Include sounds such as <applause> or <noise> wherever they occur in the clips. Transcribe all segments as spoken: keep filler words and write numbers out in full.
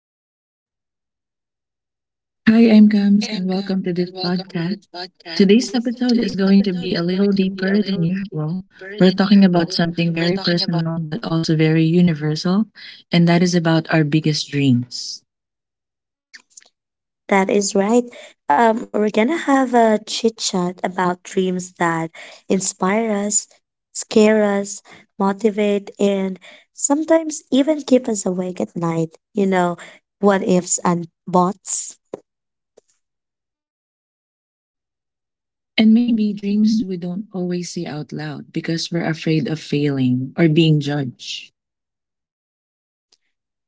name is Mia. Hi, I'm Gams, and welcome to this podcast. Today's episode is going to be a little deeper than usual. We're talking about something very personal but also very universal, and that is about our biggest dreams. That is right. Um, we're gonna have a chit chat about dreams that inspire us, scare us, motivate, and sometimes even keep us awake at night. You know, what ifs and bots. And maybe dreams we don't always say out loud because we're afraid of failing or being judged.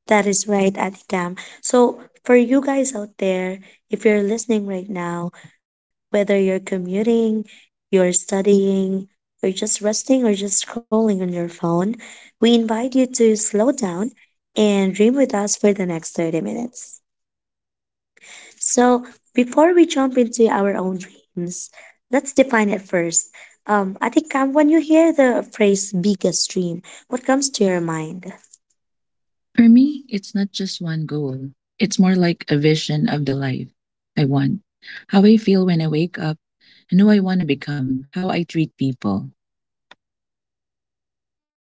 That is right, Ate Cam. So, for you guys out there, if you're listening right now, whether you're commuting, you're studying, you're just resting, or just scrolling on your phone, we invite you to slow down and dream with us for the next thirty minutes. So, before we jump into our own dreams, let's define it first. Um, Ate Cam, when you hear the phrase biggest dream, what comes to your mind? For me, it's not just one goal, it's more like a vision of the life I want, how I feel when I wake up, and who I want to become, how I treat people.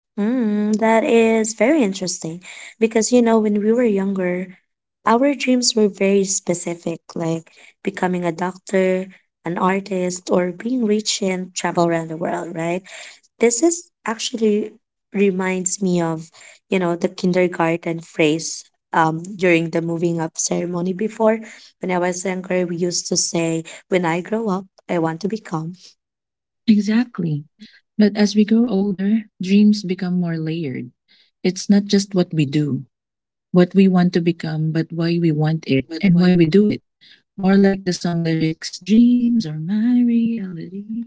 Mm, that is very interesting because you know, when we were younger, our dreams were very specific, like becoming a doctor, an artist, or being rich and travel around the world, right? This is actually reminds me of, you know, the kindergarten phrase um during the moving up ceremony before. When I was younger, we used to say, when I grow up, I want to become. Exactly. But as we grow older, dreams become more layered. It's not just what we do, what we want to become, but why we want it and why we do it. More like the song lyrics Dreams are my reality.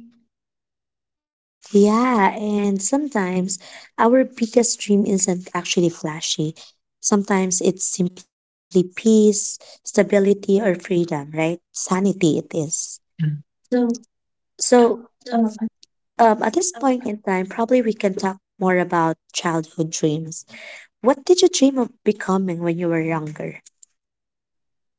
Yeah, and sometimes our biggest dream isn't actually flashy. Sometimes it's simply peace, stability, or freedom, right? Sanity, it is. So, um, at this point in time, probably we can talk more about childhood dreams. What did you dream of becoming when you were younger?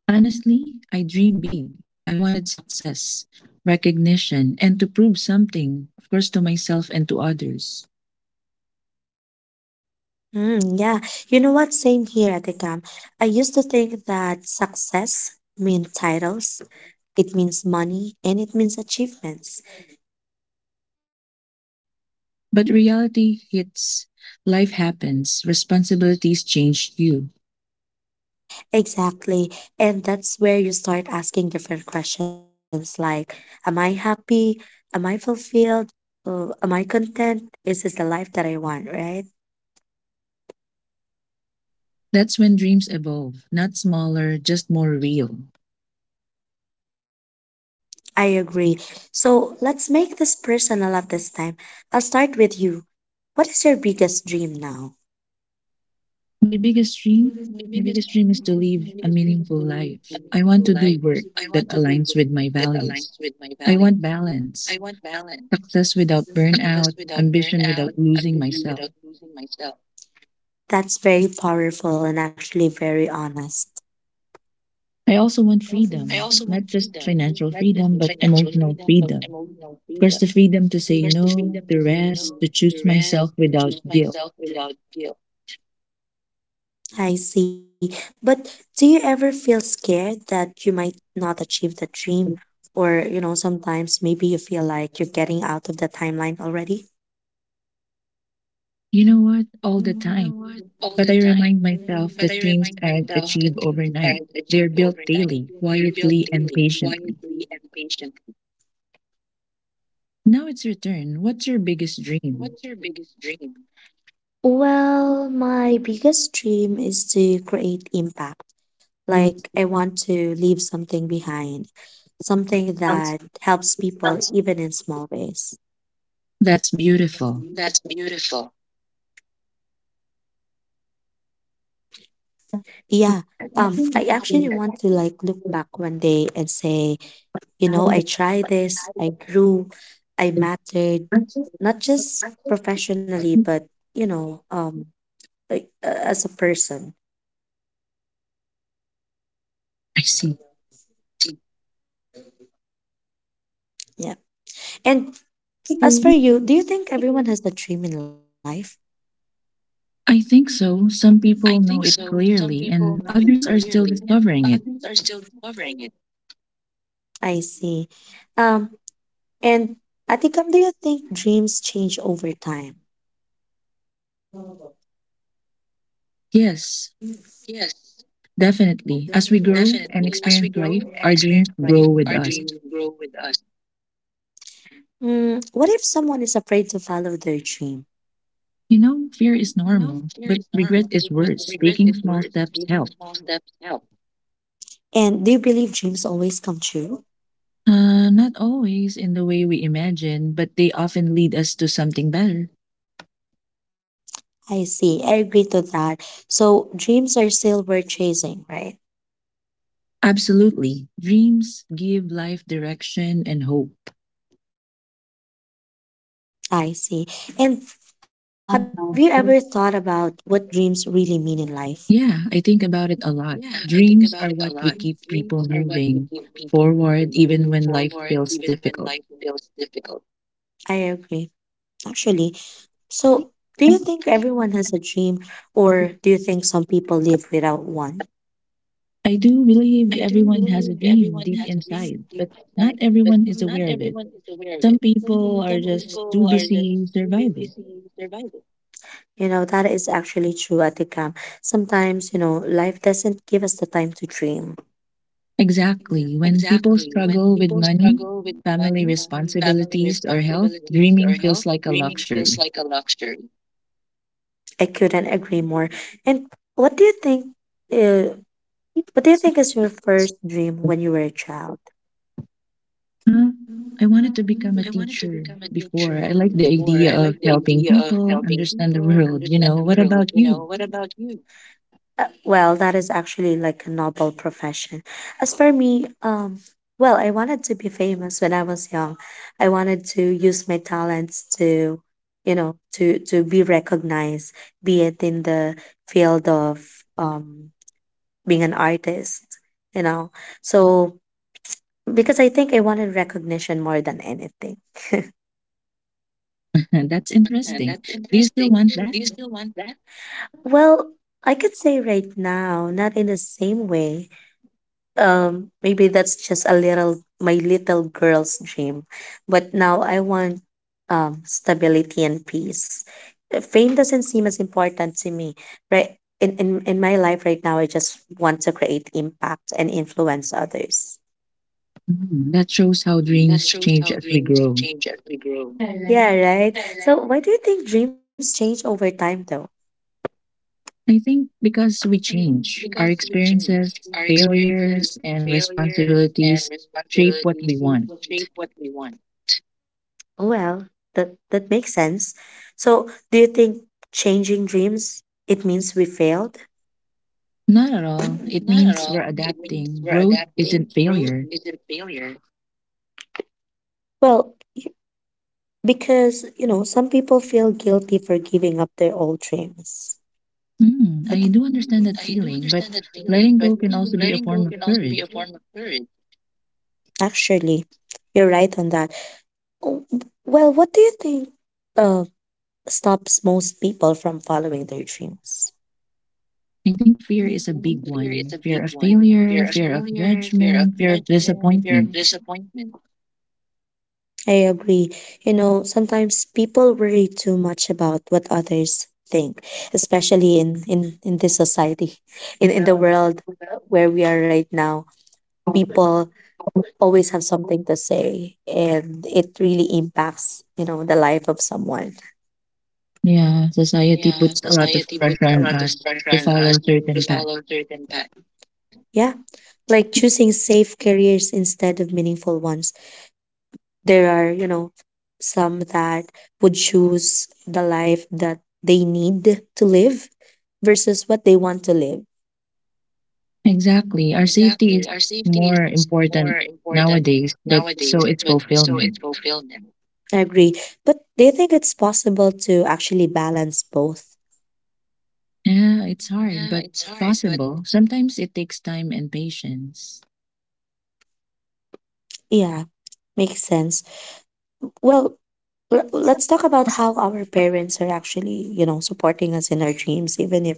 Honestly, I dream big. I wanted success, recognition, and to prove something, of course, to myself and to others. Mm, yeah, you know what? Same here, Atikam. I used to think that success means titles, it means money, and it means achievements. But reality hits, life happens, responsibilities change you. Exactly. And that's where you start asking different questions like, am I happy? Am I fulfilled? Uh, am I content? Is this the life that I want, right? That's when dreams evolve, not smaller, just more real. I agree. So let's make this personal at this time. I'll start with you. What is your biggest dream now? My biggest dream, my biggest dream is to live a meaningful life. I want to do work that aligns with my values. I want balance, success without burnout, ambition without losing myself. That's very powerful and actually very honest. I also want freedom, not just financial freedom, but emotional freedom. Of course, the freedom to say no, to rest, to choose myself without guilt. I see. But do you ever feel scared that you might not achieve the dream? Or, you know, sometimes maybe you feel like you're getting out of the timeline already? You know what? All the time. But I remind myself that dreams aren't achieved overnight. They're built daily, quietly, and patiently. Now it's your turn. What's your biggest dream? Well, my biggest dream is to create impact. Like, I want to leave something behind, something that helps people even in small ways. That's beautiful. Yeah. I Um, I actually want to like look back one day and say, you know, I tried this, I grew, I mattered, not just professionally, but, you know, um, like uh, as a person. see. Yeah. And as for you, do you think everyone has a dream in life? I think so. Some people know it clearly, and others are still discovering it. I see. Um, and Atikam, do you think dreams change over time? Yes, definitely. As we grow and experience life, our dreams grow with us. Mm, what if someone is afraid to follow their dream? You know, fear is normal, but regret is worse. Taking small steps help. And do you believe dreams always come true? Uh, not always in the way we imagine, but they often lead us to something better. I see. I agree to that. So dreams are still worth chasing, right? Absolutely. Dreams give life direction and hope. I see. And have you ever thought about what dreams really mean in life? Yeah, I think about it a lot. Dreams are what we keep people moving forward even when life feels difficult. I agree, actually. So, do you think everyone has a dream, or do you think some people live without one? I do believe everyone has a dream deep inside, but not everyone is aware of it. Some people are just too busy surviving. You know, that is actually true at the camp. Sometimes, you know, life doesn't give us the time to dream. Exactly. When people struggle with money, family responsibilities, or health, dreaming feels like a luxury. I couldn't agree more. And what do you think? Uh, what do you So, think is your first dream when you were a child? huh? I wanted to become a teacher before. I like the idea of helping people understand the world. You know, what about you? Uh, well, that is actually like a noble profession. As for me, um, well, I wanted to be famous when I was young. I wanted to use my talents to, you know, to to be recognized, be it in the field of um, being an artist, you know. So because I think I wanted recognition more than anything. <laughs> That's interesting. Do you still want that? Well, I could say right now, not in the same way. Um, maybe that's just a little my little girl's dream, but now I want um stability and peace. Uh, Fame doesn't seem as important to me, right? In in in my life right now, I just want to create impact and influence others. Mhm. That shows how dreams change as we grow. Yeah, right. So why do you think dreams change over time, though? I think because we change, our experiences, failures, and responsibilities shape what we want. Well, that that makes sense. So do you think changing dreams it means we failed? Not at all. It means we're adapting. Growth isn't failure. Well, because, you know, some people feel guilty for giving up their old dreams. Hmm, Like, I do mhm. understand that feeling, but letting go can also be a form of courage. Actually, you're right on that. Oh, well, what do you think uh, stops most people from following their dreams? I think fear is a big one fear of failure, fear of judgment, fear of disappointment. I agree. You know, sometimes people worry too much about what others think, especially in in in this society, <laughs> in in the world where we are right now. People always have something to say and it really impacts you know the life of someone. Yeah, society puts a lot of pressure on us to follow certain paths. Yeah, like choosing safe careers instead of meaningful ones, there are you know some that would choose the life that they need to live versus what they want to live. Exactly. Our safety is more important nowadays, but so it's fulfillment. I agree, but do you think it's possible to actually balance both? Yeah, it's hard, but possible. Sometimes it takes time and patience. Yeah, makes sense. Well, l- let's talk about how our parents are actually you know supporting us in our dreams even if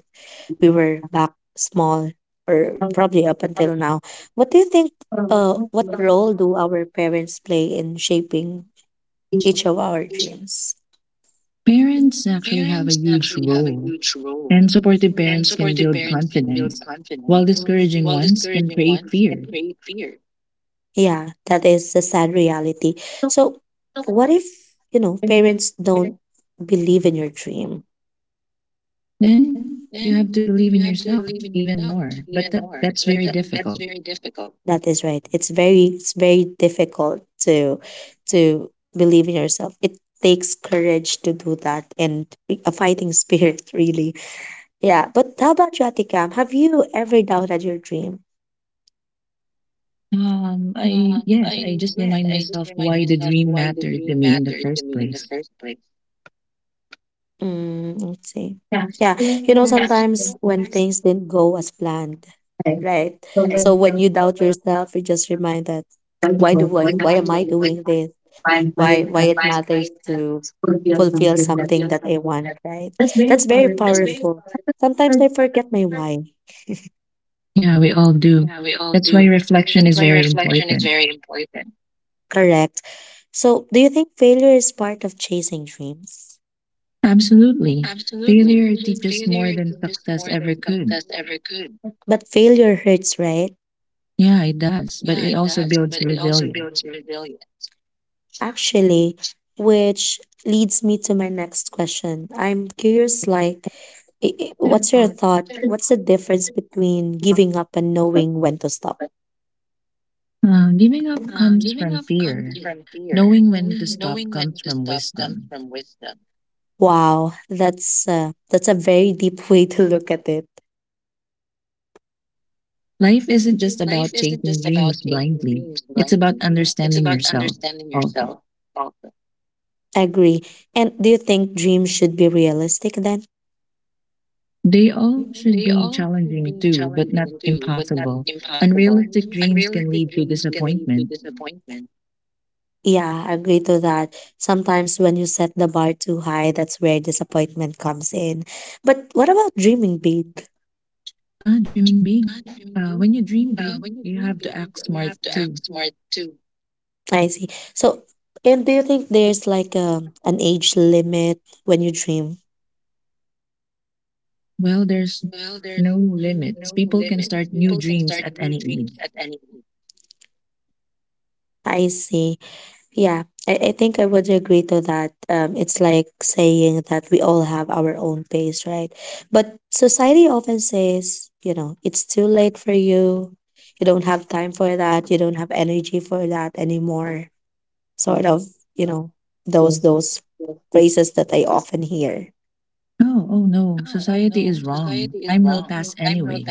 we were back small or probably up until now. What do you think uh what role do our parents play in shaping each of our dreams? Parents actually have a huge role, and supportive parents can build confidence, while discouraging ones can create fear. Yeah, that is the sad reality. So what if, you know, parents don't believe in your dream? Then you have to believe in yourself even more, but that, that's very difficult. That is right. It's very it's very difficult to to believe in yourself. It takes courage to do that and a fighting <laughs> spirit really. Yeah, but how about you, Atikam? Have you ever doubted your dream? Um, I yes, I just remind myself why the dream mattered to me in the first place. Mm, let's see. Yeah, you know, sometimes when things didn't go as planned, right? So when you doubt yourself, you just remind that why do I, why am I doing this? Why, why it matters to fulfill something that I want, right? That's very powerful. Sometimes I forget my why. Yeah, we all do. That's why reflection is very important. Correct. So, do you think failure is part of chasing dreams? Absolutely. Failure teaches more than success ever could. But failure hurts, right? Yeah, it does, but it also builds resilience. Actually, which leads me to my next question. I'm curious, like, i- i- what's your Uh, thought? What's the difference between giving up and knowing when to stop? Giving up comes from fear. Knowing when to stop comes from wisdom. Wow, that's uh, that's a very deep <laughs> way to look at it. Life isn't just about chasing dreams blindly, it's about understanding yourself also. Agree. And do you think dreams should be realistic then? They all should be challenging too, but not impossible. Unrealistic dreams can lead to disappointment. Yeah, I agree to that. Sometimes when you set the bar too high, that's where disappointment comes in. But what about dreaming big? Ah, dreaming big. Uh, when you dream big, you have to act smart too. I see. So, and do you think there's like a an age limit when you dream? Well, there's no limits. People can start new dreams at any age. I see. Yeah, I, I think I would agree to that. Um, it's like saying that we all have our own pace, right? But society often says, you know, it's too late for you. You don't have time for that. You don't have energy for that anymore, sort of, you know, Oh, those those phrases that I often hear oh no, society is wrong. Time will pass anyway.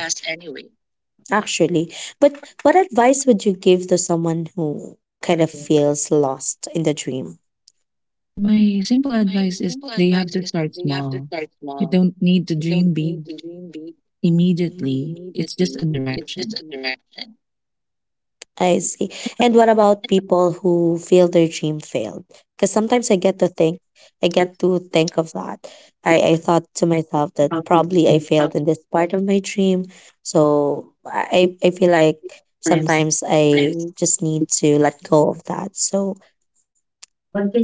actually. But what advice would you give to someone who kind of feels lost in the dream? My simple advice is they have to start small. You don't need to dream big immediately, it's just a direction. I see. And what about people who feel their dream failed? Because sometimes I get to think, I get to think of that. I, I thought to myself that probably I failed in this part of my dream. So I, I I feel like sometimes I just need to let go of that. So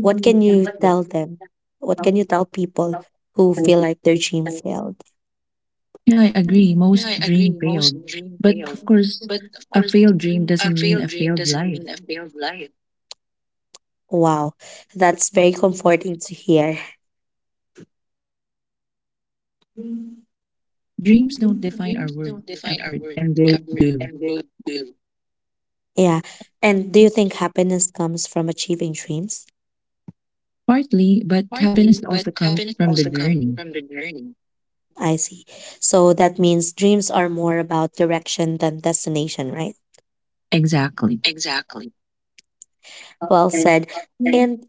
what can you tell them? What can you tell people who feel like their dream failed? Yeah, I agree. Most dream failed. But of course, a failed dream doesn't mean a failed life. Wow, that's very comforting to hear. Dreams don't define our worth, effort, and growth do. Yeah. And do you think happiness comes from achieving dreams? Partly, but happiness also comes from the journey. I see. So that means dreams are more about direction than destination, right? Exactly. Well said. And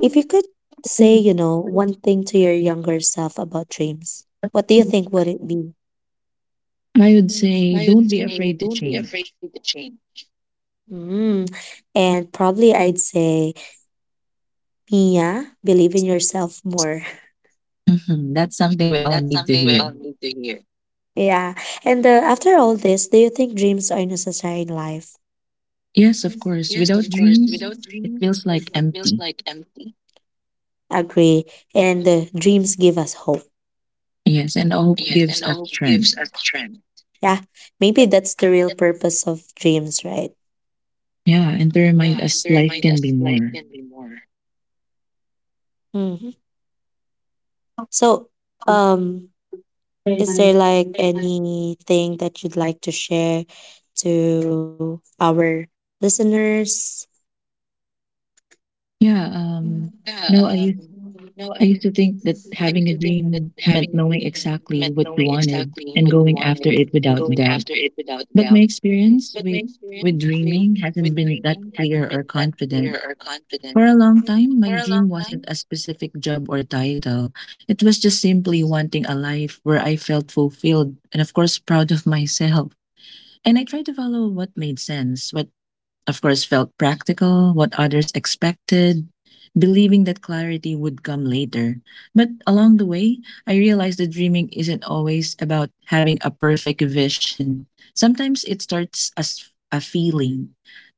if you could say, you know, one thing to your younger self about dreams, what do you think would it be? I would say don't be afraid to change. Mm. And probably I'd say Mia, believe in yourself more. <laughs> Mhm, that's something we all need to hear. Yeah. And uh, after all this, do you think dreams are necessary in life? Yes, of course. Without dreams, it feels like empty. Agree. And uh, dreams give us hope. Yes, and hope gives us strength. Yeah. Maybe that's the real purpose of dreams, right? Yeah, and to remind us life can be more. Mm-hmm. So, um, is there like anything that you'd like to share to our listeners? Yeah, um, no, I used I used to think that having a dream meant knowing exactly what you wanted and going after it without a doubt. But my experience with with dreaming hasn't been that clear or confident. For a long time, my dream wasn't a specific job or title. It was just simply wanting a life where I felt fulfilled and of course proud of myself. And I tried to follow what made sense, of course, felt practical, what others expected, believing that clarity would come later. But along the way, I realized that dreaming isn't always about having a perfect vision. <laughs> Sometimes it starts as a feeling,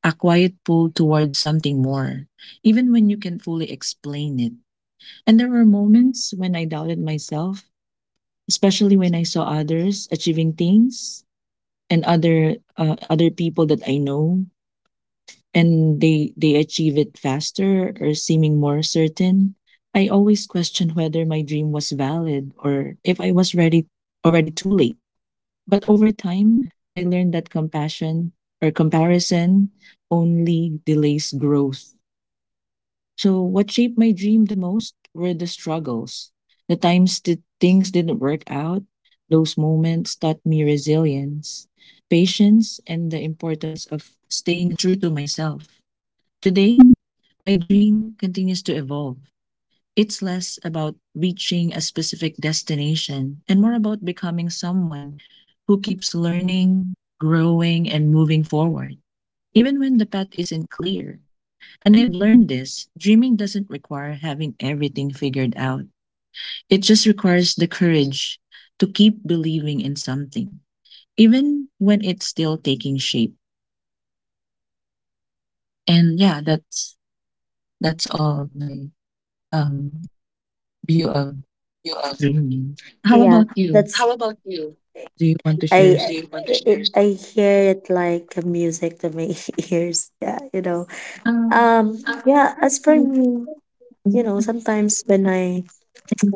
a quiet pull towards something more, even when you can fully explain it. And there were moments when I doubted myself, especially when I saw others achieving things and other uh, other people that I know and they they achieve it faster or seeming more certain. I always question whether my dream was valid or if I was ready already too late. But over time I learned that compassion or comparison only delays growth. So what shaped my dream the most were the struggles, the times that things didn't work out. Those moments taught me resilience, patience, and the importance of staying true to myself. Today, my dream continues to evolve. It's less about reaching a specific destination and more about becoming someone who keeps learning, growing, and moving forward, even when the path isn't clear. And I've learned this dreaming doesn't require having everything figured out, it just requires the courage to keep believing in something, even when it's still taking shape. And yeah, that's that's all my um, view of. Mhm. How Yeah. about you? That's Do you want to share I something? I, I I hear it like a music to my <laughs> ears. Yeah, you know. Um, Um, I yeah, as for think me, you know, sometimes when I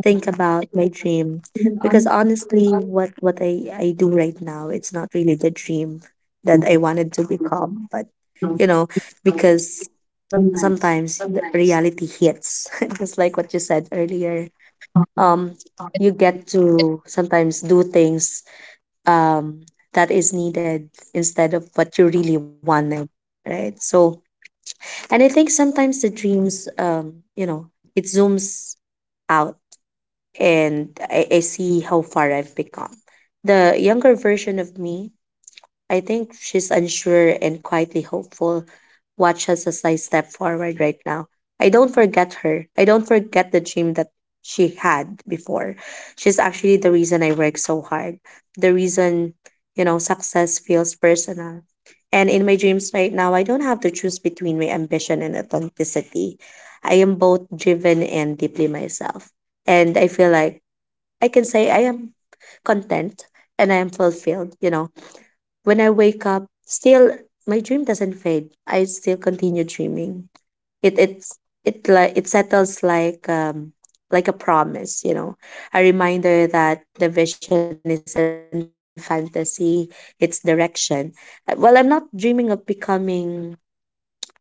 think about my dream, because honestly, what what I I do right now, it's not really the dream that I wanted to become, but you know, because sometimes the reality hits, <laughs> just like what you said earlier. Um, you get to sometimes do things um that is needed instead of what you really wanted, right? So, and I think sometimes the dreams, um, you know, it zooms out and I, I see how far I've become. The younger version of me, I think she's unsure and quietly hopeful. Watch us as I step forward right now. I don't forget her. I don't forget the dream that she had before. She's actually the reason I work so hard. The reason, you know, success feels personal. And in my dreams right now, I don't have to choose between my ambition and authenticity. I am both driven and deeply myself. And I feel like I can say I am content and I am fulfilled, you know, when I wake up, still my dream doesn't fade. I still continue dreaming. It it's it like it settles like um like a promise, you know, a reminder that the vision isn't fantasy, it's direction. Uh, Well, I'm not dreaming of becoming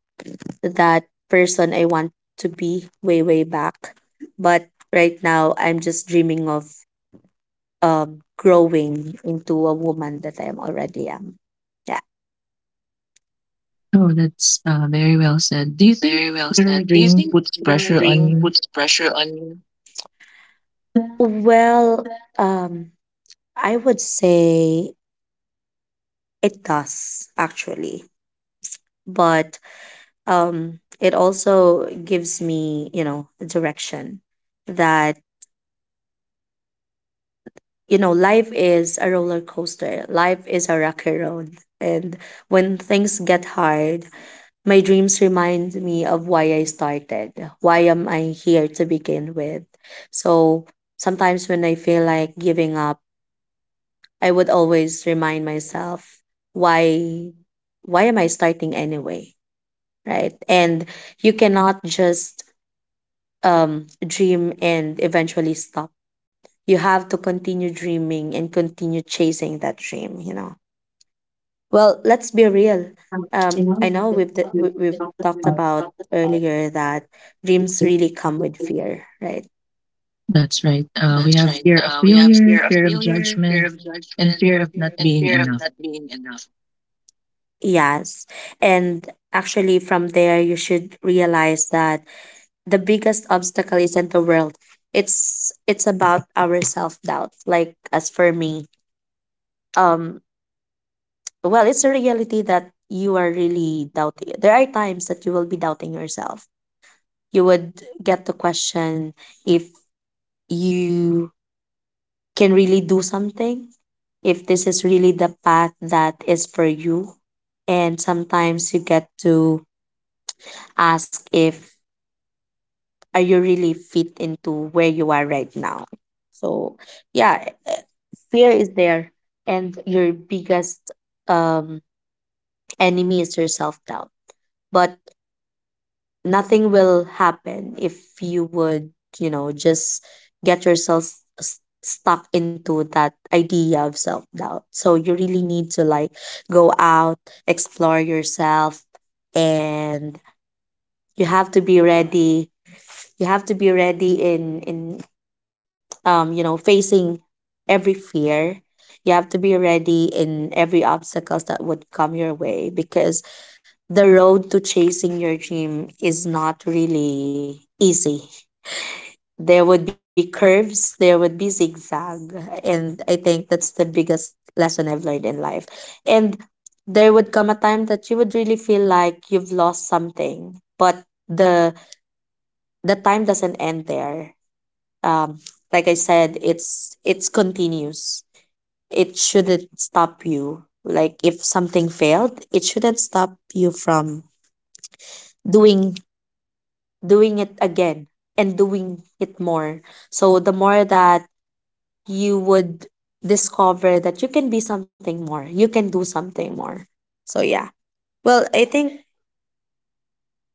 that person I want to be way, way back. But right now, I'm just dreaming of um, growing into a woman that I am already am. Yeah. Oh, that's uh, very well said. Do you think your dream puts pressure on you? Well, um, I would say it does actually, but um, it also gives me, you know, direction that, you know, life is a roller coaster, life is a rocky road. And when things get hard, my dreams remind me of why I started, why am I here to begin with. So sometimes when I feel like giving up, I would always remind myself why why am I starting anyway, right? And you cannot just um dream and eventually stop. You have to continue dreaming and continue chasing that dream, you know. Well, let's be real. Um I know we've d- we- we've talked about earlier that dreams really come with fear, right? That's right. Uh, we have fear of failure, fear of judgment, and fear of not being enough. Yes. And actually from there you should realize that the biggest obstacle isn't the world. It's it's about our self doubt. Like as for me, um, well, it's a reality that you are really doubting. There are times that you will be doubting yourself. You would get the question if you can really do something, if this is really the path that is for you. And sometimes you get to ask if are you really fit into where you are right now? So, yeah, eh, fear is there, and your biggest um, enemy is your self doubt. But nothing will happen if you would, you know, just get yourself s- stuck into that idea of self doubt. So, you really need to like go out, explore yourself, and you have to be ready you have to be ready in in um, you know, facing every fear. You have to be ready in every obstacles that would come your way because the road to chasing your dream is not really easy. There would be curves, there would be zigzag, and I think that's the biggest lesson I've learned in life. And there would come a time that you would really feel like you've lost something, but the the time doesn't end there um, like I said, it's it's continuous. It shouldn't stop you. Like if something failed, it shouldn't stop you from doing doing it again and doing it more. So the more that you would discover that you can be something more, you can do something more. So yeah. Well, I think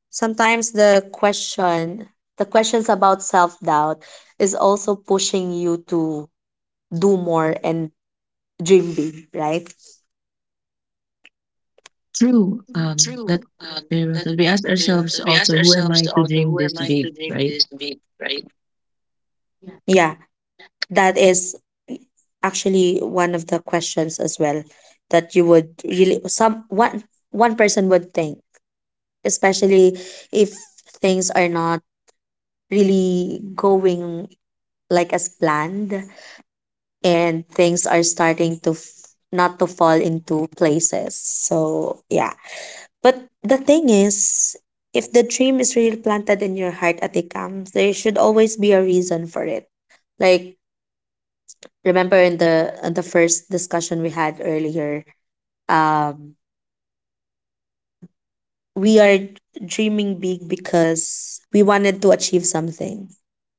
sometimes the question the questions about self-doubt is also pushing you to do more and dream big, right? True. Um, that, uh, that we ask ourselves also, who am I to dream this big, right? Yeah, that is actually one of the questions as well that you would really some one one person would think, especially if things are not really going like as planned and things are starting to f- not to fall into places. So, yeah. But the thing is, if the dream is really planted in your heart at it comes, there should always be a reason for it. Like remember in the in the first discussion we had earlier um we are dreaming big because we wanted to achieve something,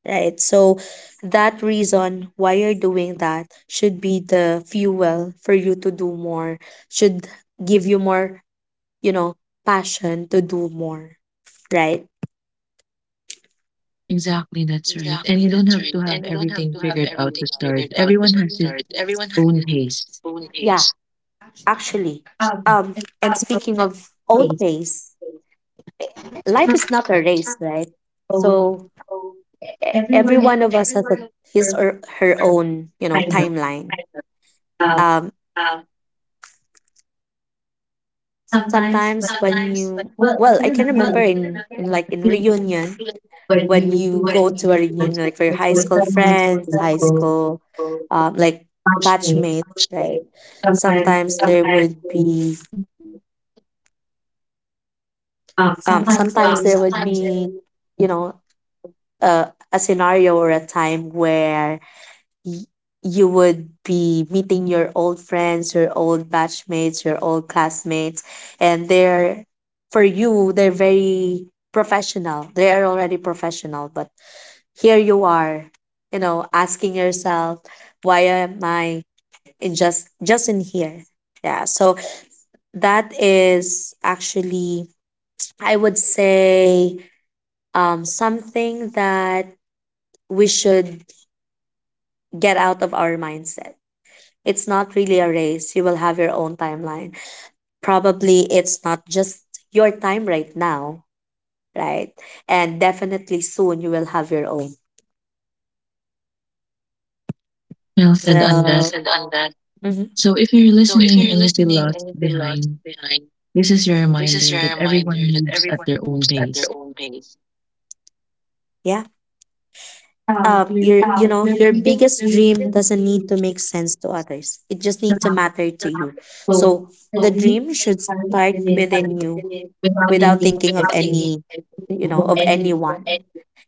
right? So that reason why you're doing that should be the fuel for you to do more, should give you more, you know, passion to do more, right? Exactly, that's right. And you don't have to have everything figured out to start. Everyone has his own pace. Yeah, actually, Um, um And and people speaking of own taste. pace, life is not a race, right? So So e- every everyone of one of us us has a, his are or her own, you know, kind of. timeline. Uh, um sometimes, Sometimes but, when you, well, I well, can I can remember remember like, in, in like the in feeling reunion, when you when you go go to to a like reunion like for your it's high school going friends, to high go school, um like much way. batchmates, right? Sometimes, sometimes there would be um, um sometimes there would be, you know, a, a scenario or a time where y- you would be meeting your old friends, your old batchmates, your old classmates, and they're, for you, they're very professional. They are already professional, but here you are, you know, asking yourself, why am I in just just in here? Yeah. So that is actually, I would say, um something that we should get out of our mindset. It's not really a race. You will have your own timeline. Probably it's not just your time right now, right? And definitely soon you will have your own. Well said on Well. that. So, mhm, So if you're listening and you feel lost behind, this is your reminder that everyone moves at their own pace. yeah. Um, Um, you, your, you you know, know, your your biggest biggest dream dream for the doesn't need future to is make sense to others. It just need to matter to you. both So the healthy dream should and start within related you without without thinking thinking of of anything. any, You you know, know, of of anything. anyone.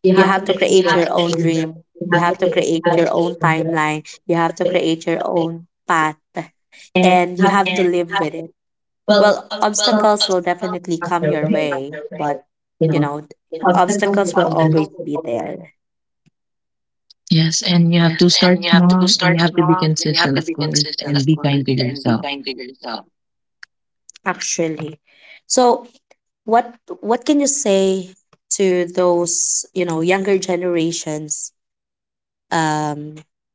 You You have to have to make it create your your own own dream. dream. You You have have to to make it create your your own own dream. timeline. You have to create your own path and You you have have to to live with it. build Well, build obstacles will definitely up come your your way, way, but you you know, know, obstacles obstacles will will always. always be there Yes, and you have to start small and you have to be consistent, of course, and be kind to yourself. actually. So, what what can you say to those, you know, younger generations um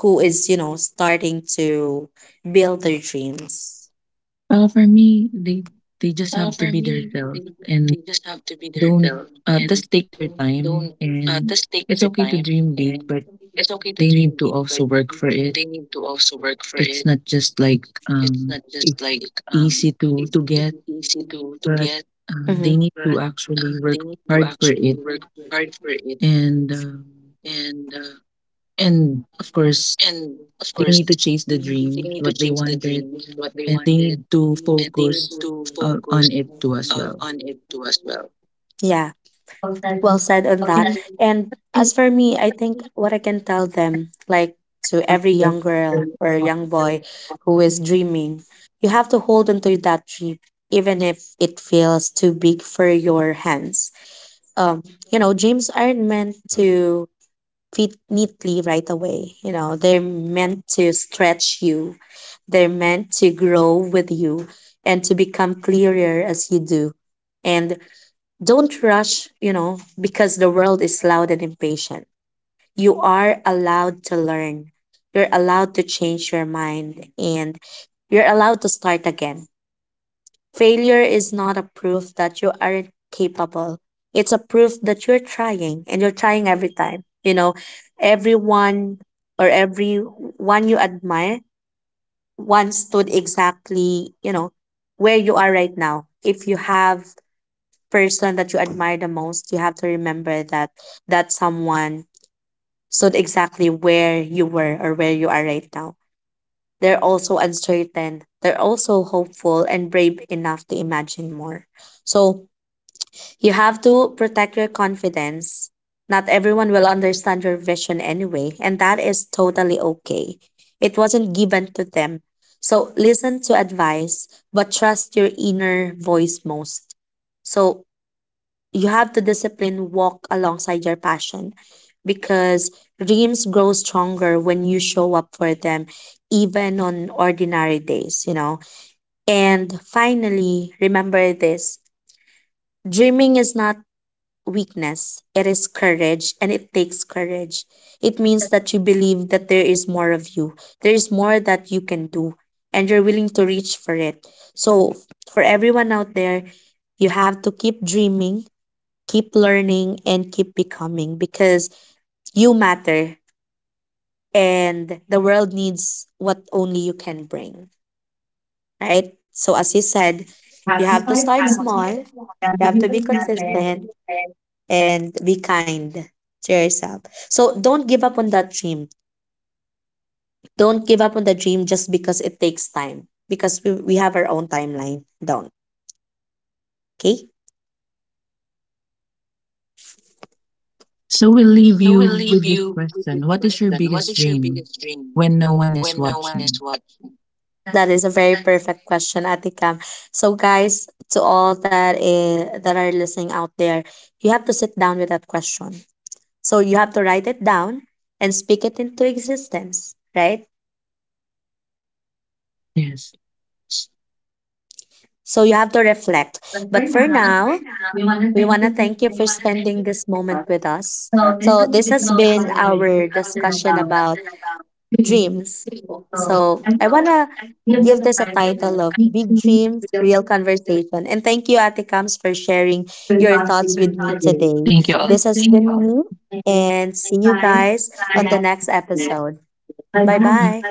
who is, you know, starting to build their dreams? Well, for me, they they just have to be themselves and don't uh, just take their time, and it's okay to dream big but they need to also work for it. It's not just like um it's e- easy to to get, but uh, Mm-hmm. they need to actually work hard for it, and um, and of course they need to chase the dreams what they wanted, and they need to focus uh, on it too as well. Yeah, well said on that. And as for me, I think what I can tell them, like to every young girl or young boy who is dreaming, you have to hold on to that dream, even if it feels too big for your hands. Um, you know, dreams aren't meant to fit neatly right away. You know, they're meant to stretch you. They're meant to grow with you and to become clearer as you do. And don't rush, you know, because the world is loud and impatient. You are allowed to learn. You're allowed to change your mind and you're allowed to start again. Failure is not a proof that you aren't capable. It's a proof that you're trying and you're trying every time. You know, everyone or every one you admire once stood exactly, you know, where you are right now. If you have person that you admire the most, you have to remember that that someone stood exactly where you were or where you are right now. They're also uncertain, they're also hopeful and brave enough to imagine more. So you have to protect your confidence. Not everyone will understand your vision anyway, and that is totally okay. It wasn't given to them. So listen to advice, but trust your inner voice most. So you have to discipline walk alongside your passion because dreams grow stronger when you show up for them, even on ordinary days, you know. And finally, remember this: dreaming is not weakness, it is courage, and it takes courage. It means that you believe that there is more of you, there is more that you can do, and you're willing to reach for it. So for everyone out there, you have to keep dreaming, keep learning, and keep becoming, because you matter and the world needs what only you can bring. Right, so as you said, you have to start small, you have to be consistent, and be kind to yourself. So don't give up on that dream. Don't give up on the dream just because it takes time, because we, we have our own timeline down. Okay. So we'll leave you with this question. What is your biggest dream when no one is watching? That That is is a okay. very perfect question, Ate Cam. So, guys, to all that eh, that are listening out there, you have to sit down with that question. So you have to write it down and speak it into existence, right? Yes. So you have to reflect. But for But for now, now, we want we to want to thank you thank for you for spending with spending this moment us. with us. So So this has this has been been our our discussion discussion about about dreams. dreams. So So I I think that wanna give us give a this a title of title of Big Big Dreams Dreams, with the Real Conversation. And thank you, Ate Kams, for Way sharing We're your thoughts with Talking me Today. today. Thank you all. It's This has been been me, me, and it's and see you time guys for the on the next next episode. episode. Bye Bye-bye. bye.